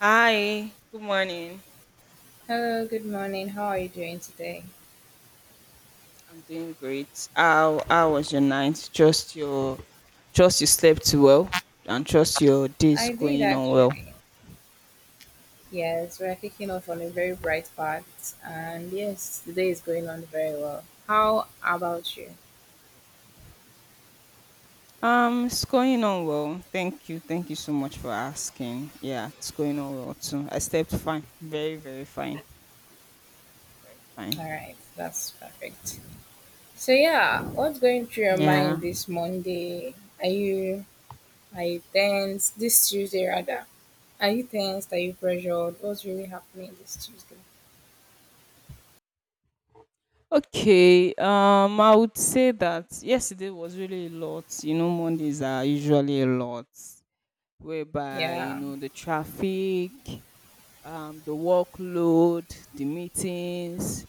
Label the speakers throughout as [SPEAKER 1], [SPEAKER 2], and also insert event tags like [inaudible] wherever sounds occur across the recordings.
[SPEAKER 1] Hi, good morning.
[SPEAKER 2] Hello, good morning. How are you doing today?
[SPEAKER 1] I'm doing great. How was your night? Trust you slept well and trust your day's
[SPEAKER 2] I did
[SPEAKER 1] going on
[SPEAKER 2] actually.
[SPEAKER 1] well.
[SPEAKER 2] Yes, we're kicking off on a very bright path, and yes, the day is going on very well. How about you?
[SPEAKER 1] It's going on well. Thank you. Thank you so much for asking. Yeah, it's going on well too. I slept fine. Very, very fine. Fine.
[SPEAKER 2] All right, that's perfect. So yeah, what's going through your
[SPEAKER 1] Yeah.
[SPEAKER 2] mind this Monday? Are you are you tense this Tuesday rather? Are you tense? Are you pressured? What's really happening this Tuesday?
[SPEAKER 1] Okay. I would say that yesterday was really a lot. You know, Mondays are usually a lot, whereby you
[SPEAKER 2] Yeah.
[SPEAKER 1] know the traffic. The workload, the meetings,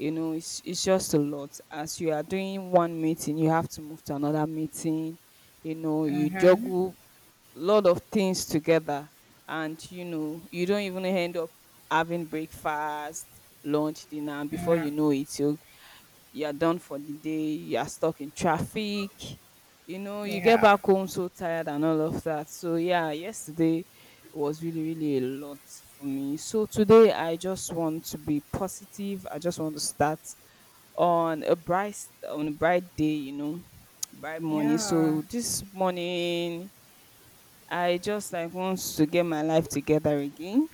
[SPEAKER 1] you know, it's just a lot. As you are doing one meeting, you have to move to another meeting, you know, you
[SPEAKER 2] Mhm.
[SPEAKER 1] juggle a lot of things together, and you know, you don't even end up having breakfast, lunch, dinner, and
[SPEAKER 2] Mm-hmm.
[SPEAKER 1] before
[SPEAKER 2] Yeah.
[SPEAKER 1] you know it, you're done for the day, you're stuck in traffic, you know, you get
[SPEAKER 2] Yeah.
[SPEAKER 1] back home so tired and all of that. So, yeah, yesterday was really, really a lot for me. So, today I just want to be positive. I just want to start on a bright on a bright day, you know, bright morning.
[SPEAKER 2] Yeah.
[SPEAKER 1] So this morning I just like want to get my life together again.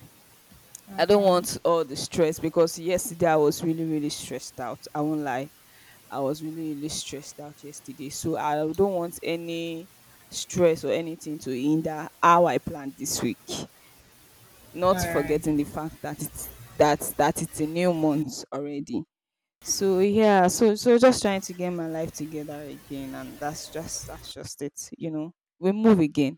[SPEAKER 1] I don't
[SPEAKER 2] Mm-hmm.
[SPEAKER 1] want all the stress because yesterday I was really, really stressed out. I won't lie. I was really, really stressed out yesterday. So I don't want any stress or anything to hinder how I planned this week.
[SPEAKER 2] All
[SPEAKER 1] Not
[SPEAKER 2] right.
[SPEAKER 1] forgetting the fact that it's that that it's a new month already. So yeah, so just trying to get my life together again, and that's just it, you know. We move again.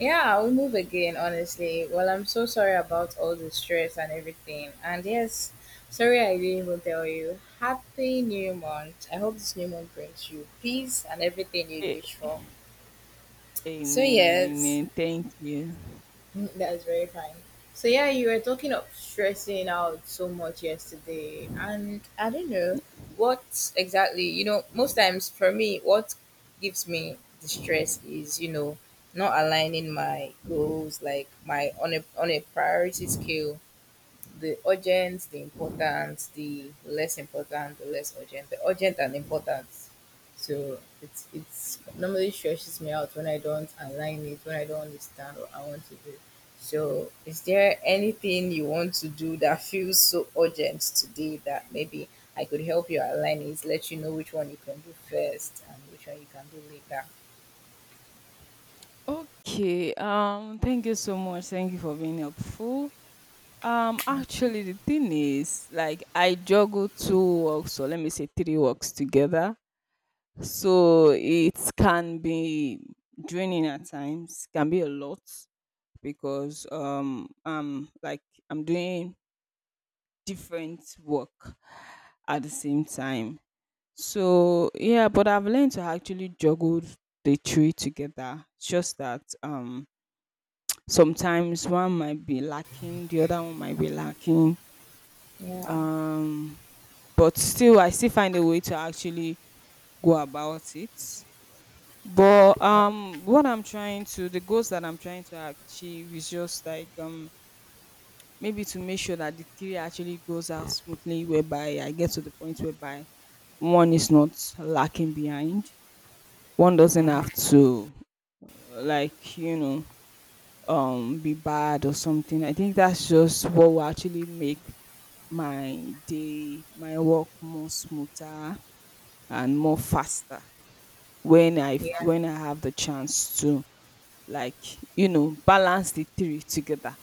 [SPEAKER 2] Yeah, I'll move again, honestly. Well, I'm so sorry about all the stress and everything. And yes, sorry I didn't even tell you. Happy New Month. I hope this new month brings you peace and everything you
[SPEAKER 1] A-
[SPEAKER 2] wish for. So,
[SPEAKER 1] Amen,
[SPEAKER 2] yes.
[SPEAKER 1] amen. Thank you.
[SPEAKER 2] [laughs] That's very fine. So yeah, you were talking of stressing out so much yesterday, and I don't know what exactly. You know, most times for me, what gives me the stress is not aligning my goals, like my on a priority scale the urgent, the important, the less urgent, the urgent and important. So it's normally stresses me out when I don't align it, when I don't understand what I want to do. So is there anything you want to do that feels so urgent today that maybe I could help you align it, let you know which one you can do first and which one you can do later?
[SPEAKER 1] Okay. Thank you so much. Thank you for being helpful.
[SPEAKER 2] Mm,
[SPEAKER 1] Actually, the thing is, like, I juggle two works, or let me say three works together. So it can be draining at times, can be a lot because like I'm doing different work at the same time. So yeah, but I've learned to actually juggle the three together. It's just that sometimes one might be lacking, the other one might be lacking.
[SPEAKER 2] Yeah.
[SPEAKER 1] Um but still I still find a way to actually go about it, but
[SPEAKER 2] Uh,
[SPEAKER 1] what I'm trying to the goals that I'm trying to achieve is just like maybe to make sure that the three actually goes out smoothly, whereby I get to the point whereby one is not lacking behind, one doesn't have
[SPEAKER 2] uh-huh.
[SPEAKER 1] to like, you know, be bad or something. I think that's just what will actually make my work more smoother and more faster when
[SPEAKER 2] Yeah.
[SPEAKER 1] when I have the chance to like, you know, balance the three together.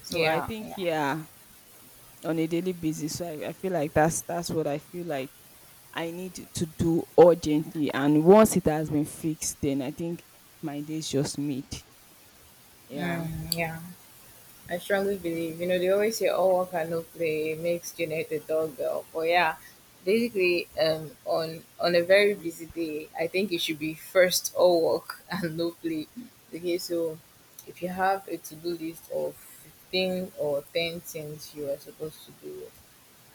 [SPEAKER 1] So I
[SPEAKER 2] Yeah.
[SPEAKER 1] think,
[SPEAKER 2] Yeah.
[SPEAKER 1] yeah, on a daily basis, so I feel like that's what I feel like I need to do urgently. And once it has been fixed, then I think my day is just made. Yeah.
[SPEAKER 2] Mm, yeah. I strongly believe, you know, they always say all work and no play makes Janet the doorbell. But yeah, basically, on a
[SPEAKER 1] Yeah.
[SPEAKER 2] very busy day, I think it should be first all work [laughs] and no play. Okay, so if you have a to do list of 15 or ten things you are supposed to do,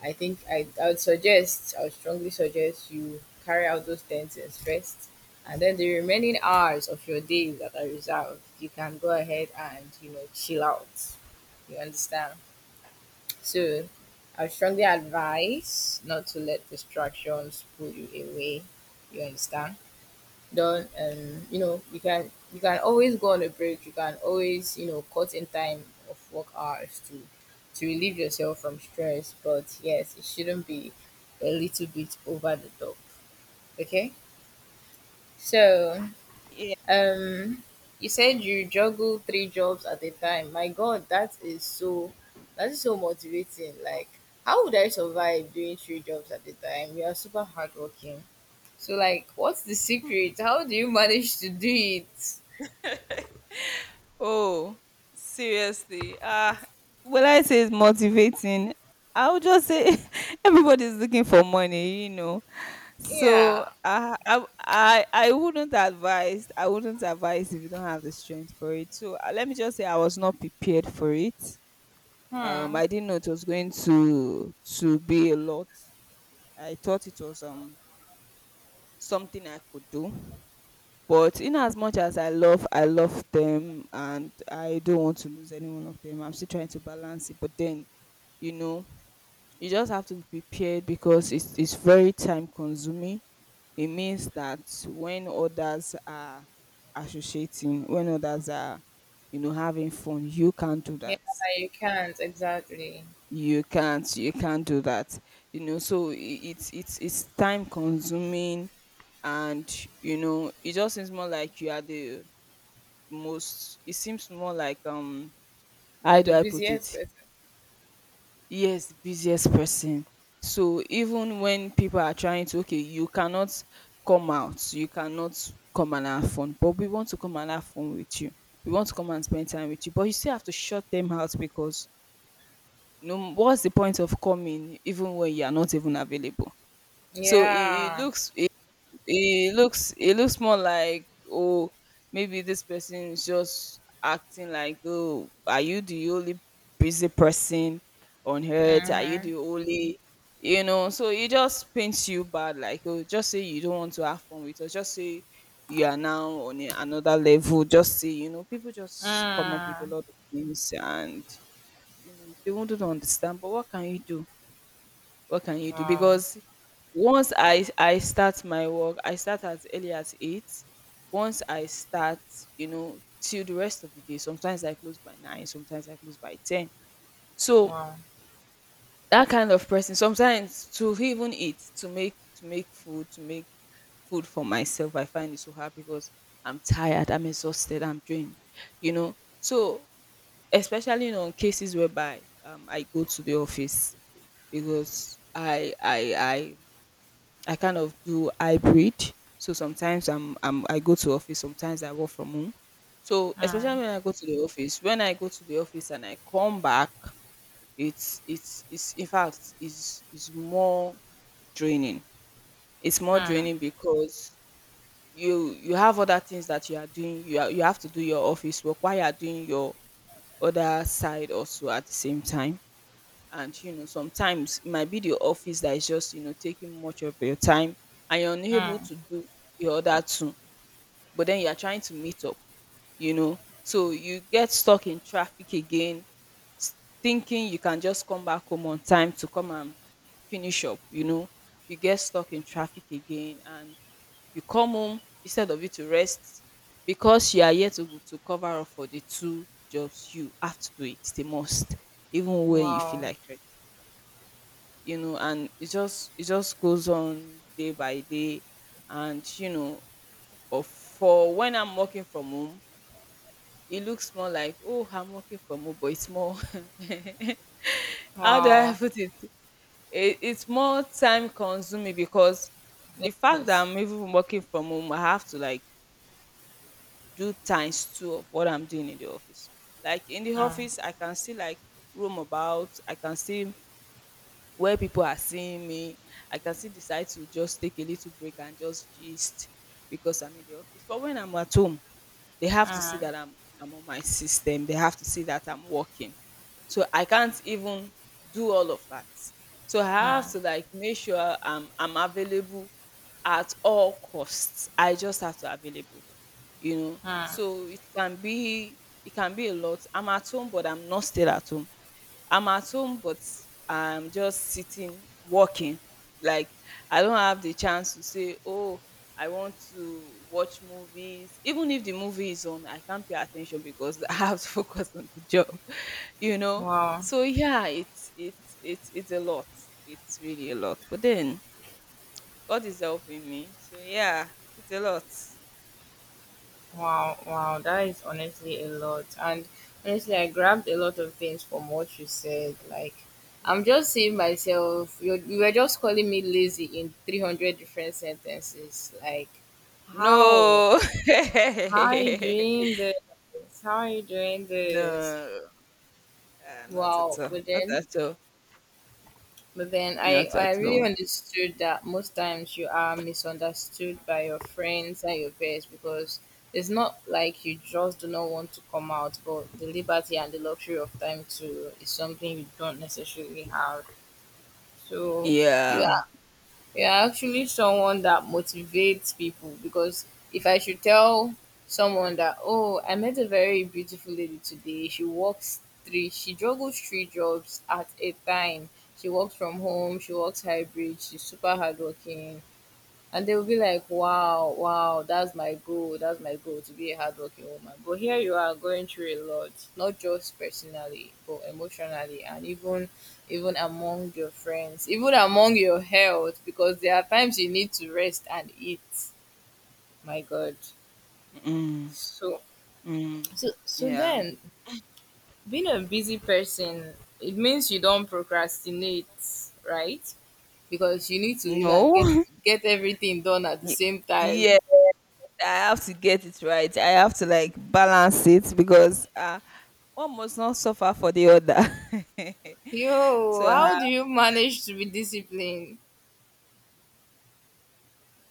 [SPEAKER 2] I think I would suggest, I would strongly suggest you carry out those 10 things first. And then the remaining hours of your day that are reserved, you can go ahead and, you know, chill out. You understand? So I would strongly advise not to let distractions pull you away. You understand? Done. And you know, you can always go on a break, you can always, you know, cut in time of work hours to relieve yourself from stress. But yes, it shouldn't be a little bit over the top. Okay, so
[SPEAKER 1] Yeah.
[SPEAKER 2] um you said you juggle three jobs at a time. My god, that is so motivating. Like, how would I survive doing three jobs at a time? You are super hardworking. So like, what's the secret? How do you [laughs] manage to do it?
[SPEAKER 1] Oh, seriously. Ah, well, I say it's motivating. I would just say [laughs] everybody's looking for money, you know. So
[SPEAKER 2] Yeah.
[SPEAKER 1] I wouldn't advise if you don't have the strength for it. So let me just say I was not prepared for it.
[SPEAKER 2] Hmm.
[SPEAKER 1] I didn't know it was going to be a lot. I thought it was something I could do. But in as much as I love them and I don't want to lose any one of them, I'm still trying to balance it. But then you know you just have to be prepared because it's very time consuming. It means that when others are associating, when others are, you know, having fun, you can't do
[SPEAKER 2] Yeah,
[SPEAKER 1] that.
[SPEAKER 2] you can't exactly.
[SPEAKER 1] You can't do that. You know, so it's time consuming, and you know, it just seems more like you are the most it seems more like how
[SPEAKER 2] You're
[SPEAKER 1] do
[SPEAKER 2] the
[SPEAKER 1] I put
[SPEAKER 2] busiest
[SPEAKER 1] it?
[SPEAKER 2] person.
[SPEAKER 1] Yes, the busiest person. So even when people are trying to, okay, you cannot come out, you cannot come and have fun, but we want to come and have fun with you. We want to come and spend time with you, but you still have to shut them out because no, what's the point of coming even when you are not even available? So
[SPEAKER 2] Yeah.
[SPEAKER 1] it looks more like, oh, maybe this person is just acting like, oh, are you the only busy person on earth, are you the
[SPEAKER 2] Mm-hmm.
[SPEAKER 1] only, you know, so it just paints you bad, like, oh, just say you don't want to have fun with us, just say you are now on another level, just say, you know, people just come up with a
[SPEAKER 2] Mm.
[SPEAKER 1] lot of things, and you know they won't understand, but what can you do,
[SPEAKER 2] Wow.
[SPEAKER 1] because once I start my work, I start as early as 8. Once I start, you know, till the rest of the day, sometimes I close by 9, sometimes I close by 10. So,
[SPEAKER 2] Wow.
[SPEAKER 1] that kind of person sometimes to even eat, to make food for myself, I find it so hard because I'm tired, I'm exhausted, I'm drained, you know. So, especially on cases whereby I go to the office because I kind of do hybrid. So sometimes I go to office, sometimes I work from home. So especially
[SPEAKER 2] Mm.
[SPEAKER 1] when I go to the office, and I come back, it's in fact is more draining. It's more
[SPEAKER 2] Mm.
[SPEAKER 1] draining because you have other things that you are doing. You have to do your office work while you are doing your other side also at the same time, and you know sometimes it might be the office that is just, you know, taking much of your time, and you're unable
[SPEAKER 2] Mm.
[SPEAKER 1] to do the other two, but then you're trying to meet up, you know, so you get stuck in traffic again, s- thinking you can just come back home on time to come and finish up, you know, you get stuck in traffic again, and you come home instead of you to rest because you are yet to cover up for the two jobs, you have to do it the most even when you feel
[SPEAKER 2] Wow.
[SPEAKER 1] like resting, you know, and it just goes on day by day, and you know. But for when I'm working from home, it looks more like, oh, I'm working from home, but it's more [laughs] how do I [laughs]
[SPEAKER 2] Wow.
[SPEAKER 1] put it, it it's more time consuming because the fact that
[SPEAKER 2] Yes.
[SPEAKER 1] I'm even working from home, I have to like do times two of what I'm doing in the office. Like in the
[SPEAKER 2] Mm.
[SPEAKER 1] office I can still like roam about, I can still, where people are seeing me, I can still decide to just take a little break and just gist because I'm in the office. But when I'm at home, they have to see
[SPEAKER 2] Mm.
[SPEAKER 1] that I'm on my system. They have to see that I'm working. So I can't even do all of that. So I
[SPEAKER 2] Mm.
[SPEAKER 1] have to like make sure I'm available at all costs. I just have to available, you know.
[SPEAKER 2] Mm.
[SPEAKER 1] So it can be a lot. I'm at home, but I'm not still at home. I'm at home, but I'm just sitting, working. Like I don't have the chance to say, oh, I want to watch movies. Even if the movie is on, I can't pay attention because [laughs] I have to focus on the job, [laughs] you know.
[SPEAKER 2] Wow.
[SPEAKER 1] So yeah, it's it's a lot. It's really a lot. But then God is helping me. So yeah, it's a lot.
[SPEAKER 2] Wow, wow, that is honestly a lot. And honestly, I grabbed a lot of things from what you said. Like, I'm just seeing myself, you were just calling me lazy in 300 different sentences. Like, how?
[SPEAKER 1] No, [laughs]
[SPEAKER 2] How are you doing this? How are you doing this?
[SPEAKER 1] no, ah, not at
[SPEAKER 2] Wow,
[SPEAKER 1] all. Not at all.
[SPEAKER 2] but then I,
[SPEAKER 1] Not at
[SPEAKER 2] I really
[SPEAKER 1] all.
[SPEAKER 2] understood that most times you are misunderstood by your friends and your peers because it's not like you just do not want to come out, but the liberty and the luxury of time to is something you don't necessarily have. So you
[SPEAKER 1] Yeah.
[SPEAKER 2] you're actually someone that motivates people because if I should tell someone that, oh, I met a very beautiful lady today, she juggles three jobs at a time. She works from home, she works hybrid, she's super hardworking, and they'll be like, wow, wow, that's my goal to be a hardworking woman. But here you are going through a lot, not just personally, but emotionally, and even among your friends, even among your health, because there are times you need to rest and eat. My God.
[SPEAKER 1] Mm,
[SPEAKER 2] So
[SPEAKER 1] mm, yeah.
[SPEAKER 2] then being a busy person, it means you don't procrastinate, right? Because you need to, you know,
[SPEAKER 1] No.
[SPEAKER 2] get everything done at the
[SPEAKER 1] Y-
[SPEAKER 2] same time.
[SPEAKER 1] Yeah, I have to get it right. I have to like balance it because one must not suffer for the other. [laughs]
[SPEAKER 2] Yo,
[SPEAKER 1] So,
[SPEAKER 2] how do you manage to be disciplined?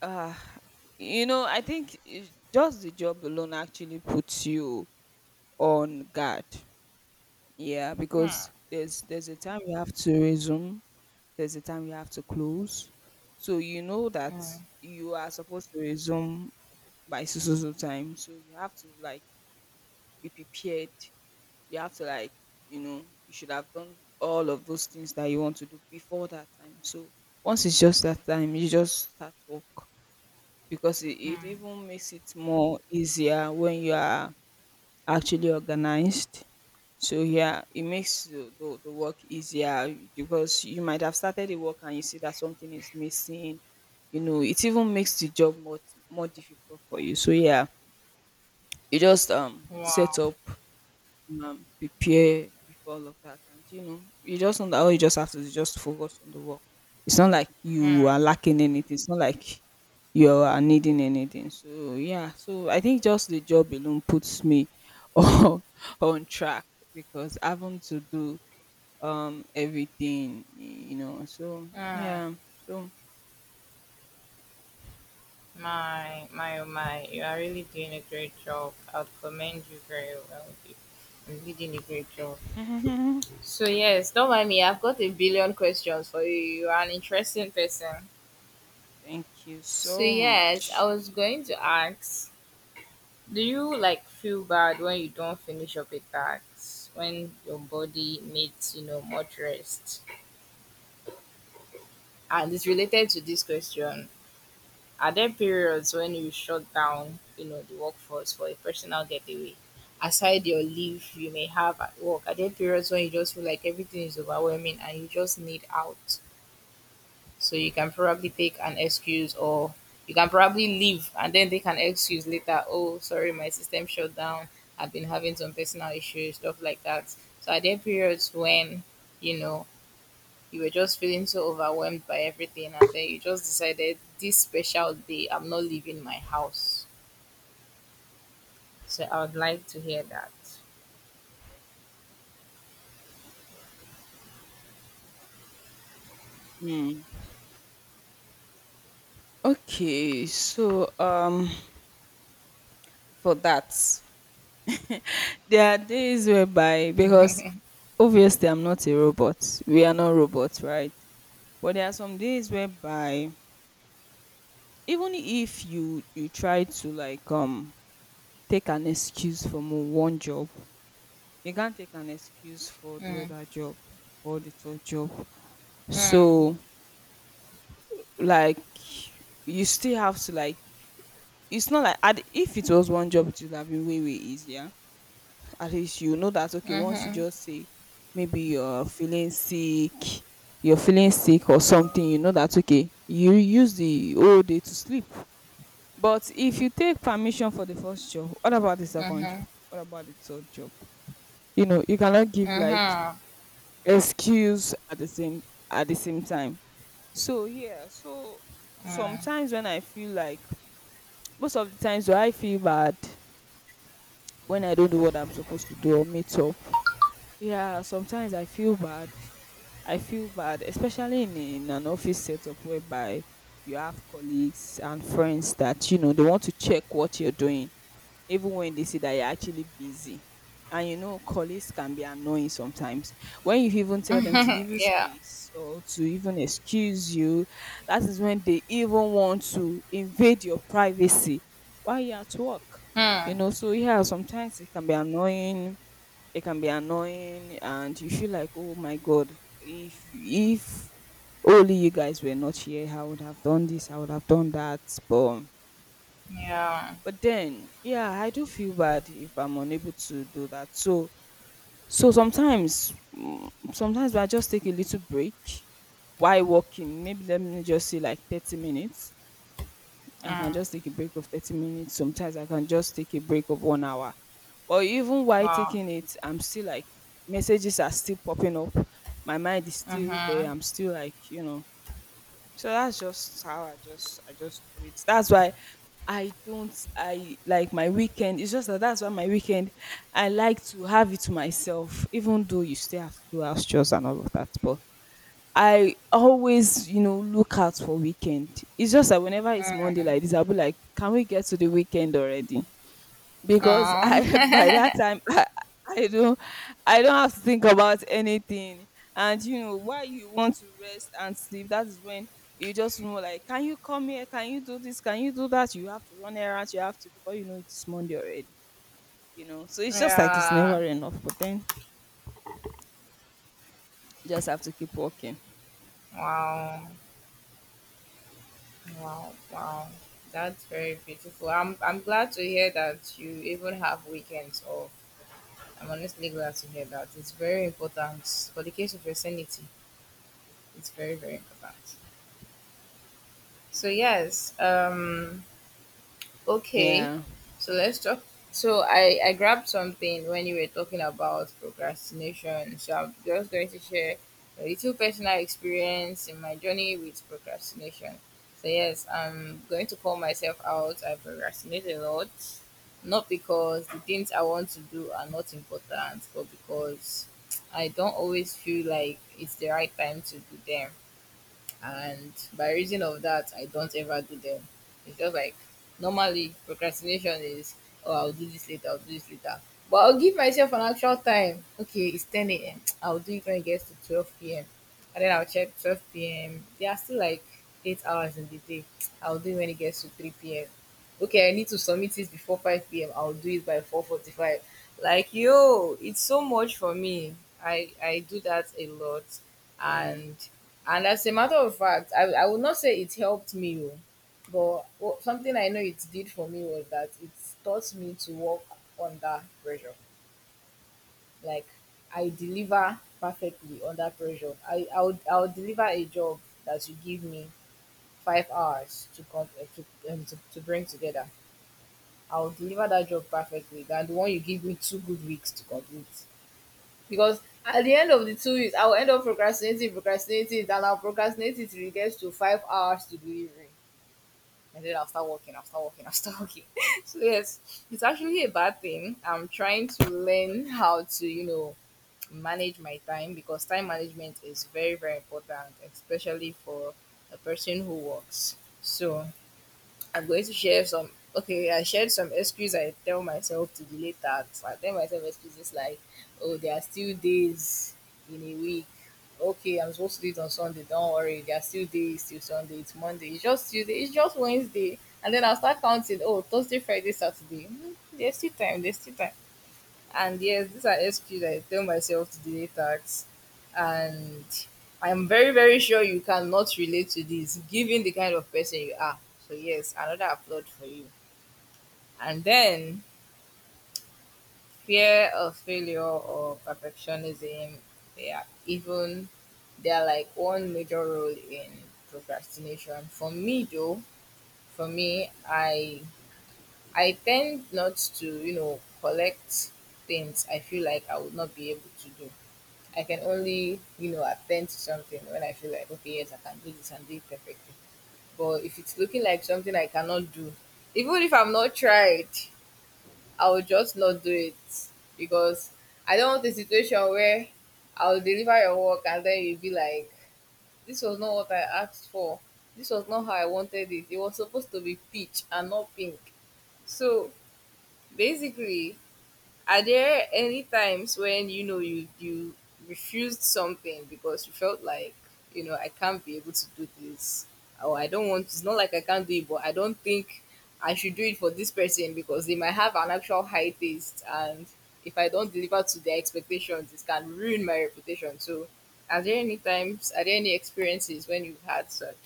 [SPEAKER 1] uh, you know, I think just the job alone actually puts you on guard. Yeah,
[SPEAKER 2] Hmm,
[SPEAKER 1] because there's a time you have to resume, there's a time you have to close. So you know that
[SPEAKER 2] hmm,
[SPEAKER 1] you are supposed to resume by so so so time. So you have to like be prepared. You have to like, you know, you should have done all of those things that you want to do before that time. So once it's just that time, you just start work because it
[SPEAKER 2] hmm.
[SPEAKER 1] even makes it more easier when you are actually organized. So yeah, it makes the work easier because you might have started the work and you see that something is missing. You know, it even makes the job more difficult for you. So yeah, you just set
[SPEAKER 2] Wow.
[SPEAKER 1] up, prepare before all of that. And you know, you just know that all you just have to do is just focus on the work. It's not like you are
[SPEAKER 2] Hmm,
[SPEAKER 1] lacking anything. It's not like you are needing anything. So yeah, so I think just the job alone puts me [laughs] on on track because having to do everything, you know. So
[SPEAKER 2] hmm.
[SPEAKER 1] yeah, so
[SPEAKER 2] Oh my, you are really doing a great job. I'd commend you very well. You're really doing a great job.
[SPEAKER 1] [laughs] thank
[SPEAKER 2] So, yes, don't mind me. I've got a billion questions for you. You are an interesting person.
[SPEAKER 1] you
[SPEAKER 2] So,
[SPEAKER 1] so
[SPEAKER 2] yes, I
[SPEAKER 1] much.
[SPEAKER 2] was going to ask, do you like feel bad when you don't finish your big tasks? When your body needs, you know, much rest? And it's related to this question. Are there periods when you shut down, you know, the workforce for a personal getaway? Aside your leave you may have at work, are there periods when you just feel like everything is overwhelming and you just need out? So you can probably take an excuse, or you can probably leave and then take an excuse later. Oh, sorry, my system shut down. I've been having some personal issues, stuff like that. So are there periods when, you know, you were just feeling so overwhelmed by everything and then you just decided, this special day I'm not leaving my house? So I would like to hear that.
[SPEAKER 1] Mm. Okay, so for that. There are days whereby, because
[SPEAKER 2] [laughs]
[SPEAKER 1] obviously I'm not a robot, we are not robots, right? But there are some days whereby, even if you try to like take an excuse from one job, you can't take an excuse for the
[SPEAKER 2] Mm,
[SPEAKER 1] other job or the third job. So
[SPEAKER 2] mm,
[SPEAKER 1] like you still have to like, it's not like if it was one job, it would have been way way easier. At least you know that okay, once you
[SPEAKER 2] mhm,
[SPEAKER 1] just say maybe you're feeling sick, you're feeling sick or something, you know that okay, you use the whole day to sleep. But if you take permission for the first job, what about the second
[SPEAKER 2] mhm,
[SPEAKER 1] job? What about the third job? You know, you cannot give like
[SPEAKER 2] mhm,
[SPEAKER 1] excuse at the same time. So yeah, so
[SPEAKER 2] mm.
[SPEAKER 1] sometimes when I feel like, most of the times do I feel bad when I don't do what I'm supposed to do or meet up. Yeah, sometimes I feel bad. I feel bad, especially in an office setup whereby you have colleagues and friends that, you know, they want to check what you're doing, even when they see that you're actually busy. And you know, colleagues can be annoying sometimes. When you even tell them to give
[SPEAKER 2] [laughs]
[SPEAKER 1] you
[SPEAKER 2] Yeah.
[SPEAKER 1] space or to even excuse you, that is when they even want to invade your privacy while you're at work. You
[SPEAKER 2] mm,
[SPEAKER 1] know, so yeah, sometimes it can be annoying, it can be annoying and you feel like, "Oh my God, if only you guys were not here, I would have done this, I would have done that." But
[SPEAKER 2] yeah.
[SPEAKER 1] but then, yeah, I do feel bad if I'm unable to do that. So so sometimes sometimes I just take a little break while walking. Maybe let me just say like 30 minutes. I can
[SPEAKER 2] mm,
[SPEAKER 1] just take a break of 30 minutes. Sometimes I can just take a break of 1 hour. But even while
[SPEAKER 2] wow.
[SPEAKER 1] taking it, I'm still like messages are still popping up. My mind is still there.
[SPEAKER 2] mhm,
[SPEAKER 1] I'm still like, you know. So that's just how I just do it. That's why I don't, I like my weekend. It's just that that's why my weekend, I like to have it to myself, even though you still have to do house chores and all of that. But I always, you know, look out for weekend. It's just that whenever it's Monday like this, I'll be like, can we get to the weekend already? Because
[SPEAKER 2] oh.
[SPEAKER 1] I [laughs] by that
[SPEAKER 2] [laughs]
[SPEAKER 1] time [laughs] I don't, I don't have to think about anything. And you know, while you want to rest and sleep, that is when you just know like, can you come here? Can you do this? Can you do that? You have to run errands, you have to, before you know it, it's Monday already. You know. So it's just like it's
[SPEAKER 2] Yeah.
[SPEAKER 1] never enough, but then you just have to keep working.
[SPEAKER 2] Wow. Wow. That's very beautiful. I'm glad to hear that you even have weekends off. I'm honestly glad to hear that. It's very important for the case of your sanity. It's very, very important. So yes, okay,
[SPEAKER 1] Yeah.
[SPEAKER 2] so let's talk. So I grabbed something when you were talking about procrastination. So I'm just going to share a little personal experience in my journey with procrastination. So yes, I'm going to call myself out. I procrastinate a lot, not because the things I want to do are not important, but because I don't always feel like it's the right time to do them. And by reason of that, I don't ever do them. It's just like, normally procrastination is, oh, I'll do this later, I'll do this later. But I'll give myself an actual time. Okay, it's 10 a.m, [tsk] I'll do it when it gets to 12 p.m. And then I'll check 12 p.m, there are still like 8 hours in the day. [tsk] I'll do it when it gets to 3 p.m. Okay, I need to submit it before 5 p.m, I'll do it by 4:45. Like, yo, it's so much for me. I do that a lot.
[SPEAKER 1] Mm.
[SPEAKER 2] and and as a matter of fact, I would not say it helped me, oh, but something I know it did for me was that it taught me to work under pressure. Like, I deliver perfectly under pressure. I'll deliver a job that you give me 5 hours to come to bring together. I'll deliver that job perfectly than the one you give me two good weeks to complete, because at the end of the 2 weeks, I will end up procrastinating, and I'll procrastinate it till it gets to 5 hours to delivery. And then I'll start working. [laughs] So, yes, it's actually a bad thing. I'm trying to learn how to, you know, manage my time because time management is very, very important, especially for a person who works. So, I'm going to share some. Okay, I shared some excuse I tell myself to delay tasks. I tell myself excuses like, oh, there are still days in a week. Okay, I'm supposed to do it on Sunday. Don't worry, there are still days till Sunday. It's Monday. It's just Tuesday. It's just Wednesday. And then I'll start counting. Oh, Thursday, Friday, Saturday. Hmm, there's still time. There's still time. And yes, these are excuses I tell myself to delay tax. And I'm very, very sure you cannot relate to this, given the kind of person you are. So, yes, another applaud for you. And then fear of failure or perfectionism, they are even, they are like one major role in procrastination. For me, I tend not to, you know, collect things I feel like I would not be able to do. I can only, you know, attend to something when I feel like, okay, yes, I can do this and do it perfectly. But if it's looking like something I cannot do, even if I'm not tried, I will just not do it because I don't want a situation where I'll deliver your work and then you'll be like, this was not what I asked for. This was not how I wanted it. It was supposed to be peach and not pink. So basically, are there any times when you know you refused something because you felt like, you know, I can't be able to do this, or I don't want? It's not like I can't do it, but I don't think I should do it for this person because they might have an actual high taste, and if I don't deliver to their expectations, it can ruin my reputation. So, are there any times? Are there any experiences when you've had such?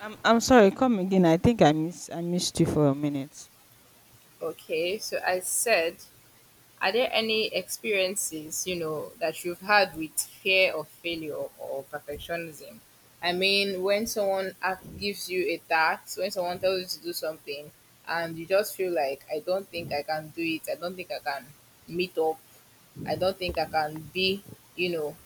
[SPEAKER 1] I'm sorry, come again. I think I missed you for a minute.
[SPEAKER 2] Okay, so I said, are there any experiences, you know, that you've had with fear of failure or perfectionism? I mean, when gives you a task, when someone tells you to do something, and you just feel like, I don't think I can do it, I don't think I can meet up, I don't think I can be, you know,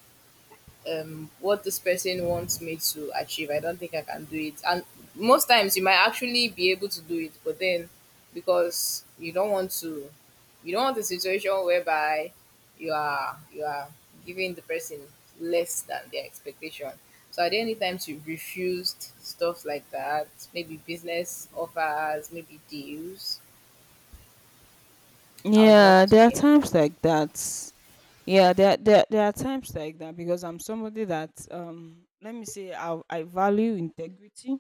[SPEAKER 2] what this person wants me to achieve. I don't think I can do it. And most times you might actually be able to do it, but then because you don't want a situation whereby you are giving the person less than their expectation. So are there any times you refused stuff like that? Maybe business offers, maybe deals. I would love
[SPEAKER 1] Yeah,
[SPEAKER 2] to
[SPEAKER 1] there are
[SPEAKER 2] hear.
[SPEAKER 1] times like that. Yeah, there are times like that because I'm somebody that let me say I value integrity.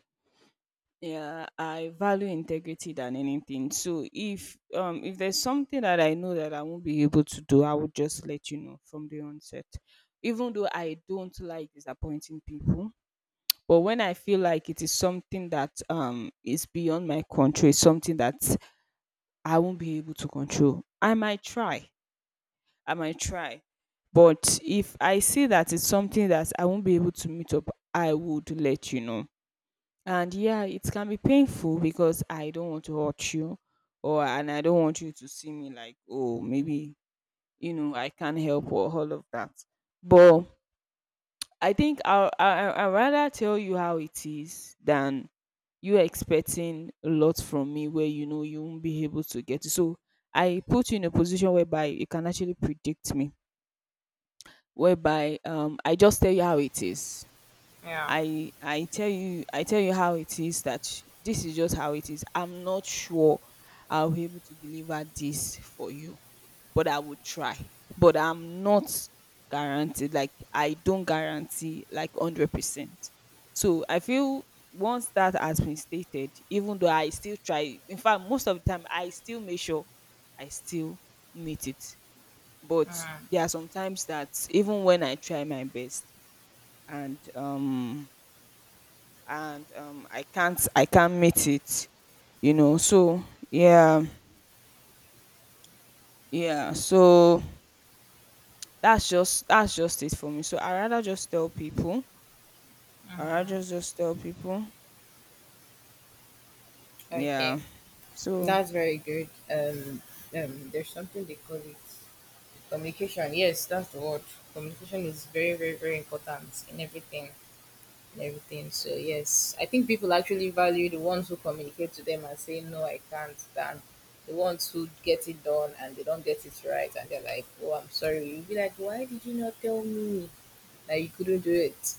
[SPEAKER 1] Yeah, I value integrity than anything. So if there's something that I know that I won't be able to do, I would just let you know from the onset. Even though I don't like disappointing people, but when I feel like it is something that is beyond my control, it's something that I won't be able to control, I might try. But if I see that it's something that I won't be able to meet up, I would let you know. And yeah, it can be painful because I don't want to hurt you or, and I don't want you to see me like, oh, maybe, you know, I can't help or all of that. But I think I'd rather tell you how it is than you expecting a lot from me where you know you won't be able to get it. So I put you in a position whereby you can actually predict me, whereby I just tell you how it is.
[SPEAKER 2] Yeah.
[SPEAKER 1] I tell you how it is, that this is just how it is. I'm not sure I'll be able to deliver this for you, but I will try. But I'm not guaranteed. Like I don't guarantee like 100%. So I feel once that has been stated, even though I still try, in fact, most of the time I still make sure I still meet it. But
[SPEAKER 2] Mm-hmm.
[SPEAKER 1] there are some times that even when I try my best, and um and I can't meet it, you know. So yeah, yeah, so that's just it for me. So I rather just tell people, I rather just tell people. Yeah,
[SPEAKER 2] Okay.
[SPEAKER 1] so
[SPEAKER 2] That's very good. There's something they call it communication. Yes, that's the word. Communication is very, very, very important in everything. In everything. So yes, I think people actually value the ones who communicate to them and say no, I can't. Than the ones who get it done and they don't get it right and they're like, oh, I'm sorry. You'll be like, why did you not tell me that you couldn't do it?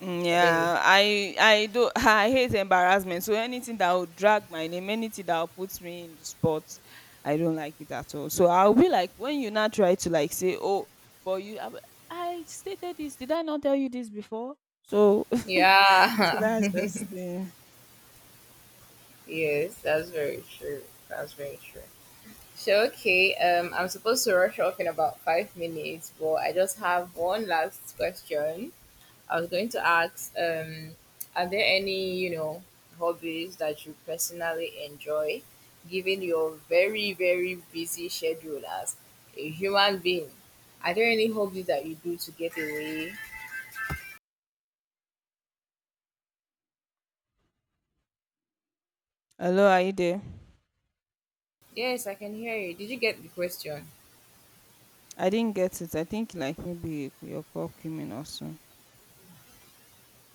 [SPEAKER 1] Mm,
[SPEAKER 2] But then,
[SPEAKER 1] yeah, I do. [laughs] I hate embarrassment. So anything that will drag my name, anything that will put me in the spot, I don't like it at all. So I'll be like when you now try to like say, oh, but I stated this. Did I not tell you this before? So [laughs] so
[SPEAKER 2] yeah,
[SPEAKER 1] that's just
[SPEAKER 2] [laughs] yes, that's very true. That's very true. So okay, I'm supposed to rush off in about 5 minutes, but I just have one last question. I was going to ask, are there any, you know, hobbies that you personally enjoy, given your very, very busy schedule as a human being? Are there any hobbies that you do to get away?
[SPEAKER 1] hello, are you there?
[SPEAKER 2] Yes, I can hear you. Did you get the question?
[SPEAKER 1] I didn't get it. I think like maybe your call came in also.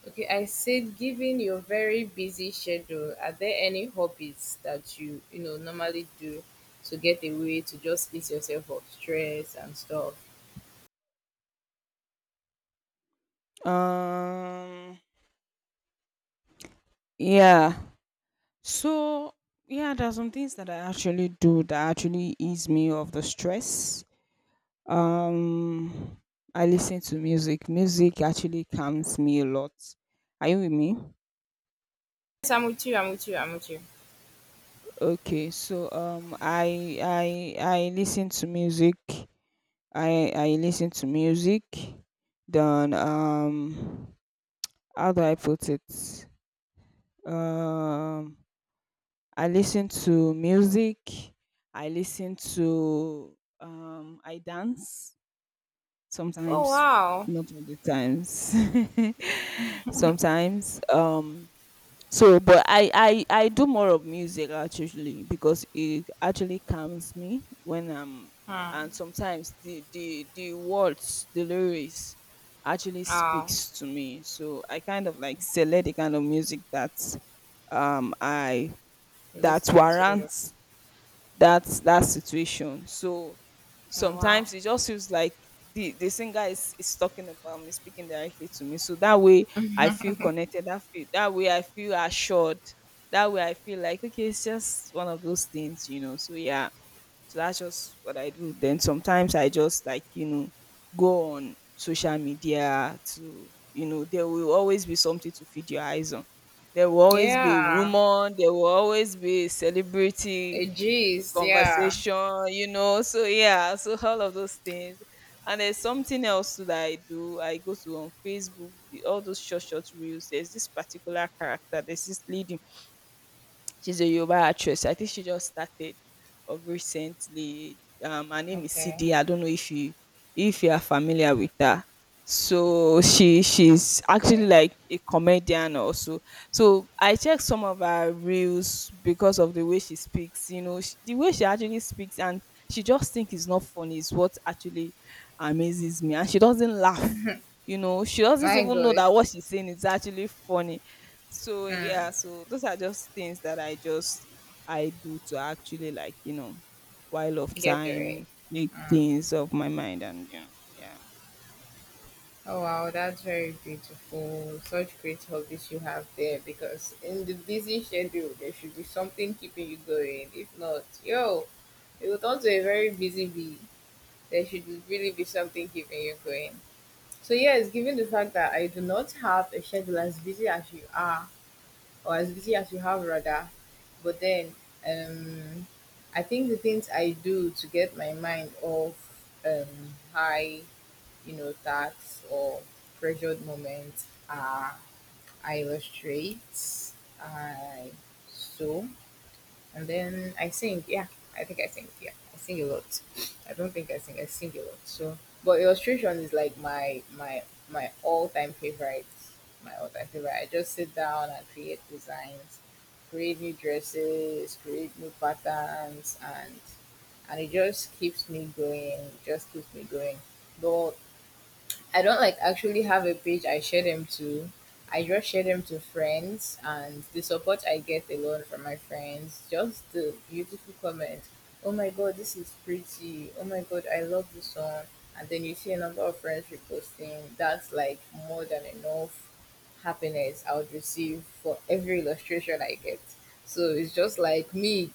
[SPEAKER 2] Okay, I said, given your very busy schedule, are there any hobbies that you know, normally do to get away, to just ease yourself of stress and stuff?
[SPEAKER 1] Um yeah. So yeah, there are some things that I actually do that actually ease me of the stress. Um, I listen to music. Music actually calms me a lot. Are you with me?
[SPEAKER 2] Yes, I'm with you, I'm with you, I'm with you.
[SPEAKER 1] Okay, so I listen to music. I listen to music. Then how do I put it? Um, I listen to music. I listen to I dance.
[SPEAKER 2] Oh
[SPEAKER 1] Sometimes,
[SPEAKER 2] wow.
[SPEAKER 1] not all the times. [laughs] Sometimes so but I do more of music actually because it actually calms me when i'm,
[SPEAKER 2] Hmm.
[SPEAKER 1] and sometimes the words, the lyrics actually
[SPEAKER 2] Wow.
[SPEAKER 1] speaks to me. So I kind of like select the kind of music that I that
[SPEAKER 2] Listen to you.
[SPEAKER 1] warrants that situation. So
[SPEAKER 2] Oh, wow.
[SPEAKER 1] sometimes it just feels like the singer is talking about me, speaking directly to me. So that way I feel connected. That way I feel assured. That way I feel like okay, it's just one of those things, you know. So yeah. So that's just what I do. Then sometimes I just like, you know, go on social media to, you know, there will always be something to feed your eyes on. There will always be
[SPEAKER 2] Yeah.
[SPEAKER 1] rumor, there will always be celebrity
[SPEAKER 2] Eh, jeez, yeah.
[SPEAKER 1] conversation, you know. So yeah, so all of those things. And there's something else too that I do. I go to on Facebook, the, all those short reels. There's this particular character. There's this lead, she's a Yoruba actress. I think she just started of recently. Her name is
[SPEAKER 2] Okay.
[SPEAKER 1] CD. I don't know if you, if you are familiar with her. So she's actually
[SPEAKER 2] Okay.
[SPEAKER 1] like a comedian also. So I checked some of her reels because of the way she speaks. You know, sh the way she actually speaks, and she just think it's not funny is what actually amazes me. And she doesn't laugh. You know, she doesn't
[SPEAKER 2] My
[SPEAKER 1] even know that
[SPEAKER 2] good.
[SPEAKER 1] what she's saying is actually funny. So
[SPEAKER 2] Mm.
[SPEAKER 1] yeah, so those are just things that I just I do to actually like, you know, while of
[SPEAKER 2] Get away.
[SPEAKER 1] time, take
[SPEAKER 2] Mm.
[SPEAKER 1] things off my mind and you know, yeah.
[SPEAKER 2] Oh wow, that's very beautiful. Such great hobbies you have there, because in the busy schedule there should be something keeping you going. If not, yo, it will turn to a very busy bee. There should really be something keeping you going. So yes, given the fact that I do not have a schedule as busy as you are, or as busy as you have rather, but then um I think the things I do to get my mind off high, you know, tasks or pressured moments, I illustrate, I sew, and then I sing. Yeah, I think I sing. Yeah, I sing a lot. I don't think I sing. I sing a lot. So, but illustration is like my my all time favorite. My all time favorite. I just sit down and create designs, create new dresses, create new patterns, and it just keeps me going. Just keeps me going. But I don't like actually have a page I share them to. I just share them to friends, and the support I get alone from my friends. Just the beautiful comments. Oh my god, this is pretty. Oh my god, I love this song. And then you see a number of friends reposting. That's like more than enough happiness I would receive for every illustration I get. So it's just like me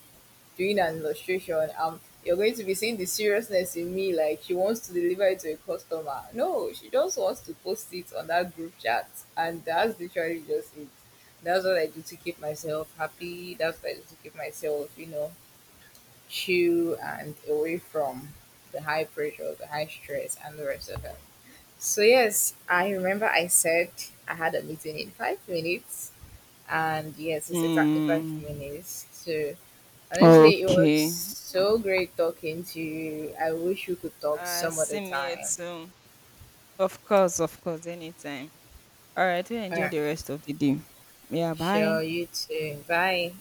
[SPEAKER 2] doing an illustration, you're going to be seeing the seriousness in me, like she wants to deliver it to a customer. No, she just wants to post it on that group chat, and that's literally just it. That's what I do to keep myself happy. That's what I do to keep myself, you know, chill and away from the high pressure, the high stress, and the rest of it. So yes, I remember I said I had a meeting in 5 minutes, and yes, it's exactly five
[SPEAKER 1] Mm,
[SPEAKER 2] minutes. So honestly, it was
[SPEAKER 1] okay.
[SPEAKER 2] so great talking to you. I wish we could talk
[SPEAKER 1] Uh,
[SPEAKER 2] some
[SPEAKER 1] see
[SPEAKER 2] other
[SPEAKER 1] me here
[SPEAKER 2] time.
[SPEAKER 1] soon. Of course, anytime. All right, we enjoy
[SPEAKER 2] Uh,
[SPEAKER 1] the rest of the day. Yeah,
[SPEAKER 2] sure,
[SPEAKER 1] bye.
[SPEAKER 2] you too. Bye.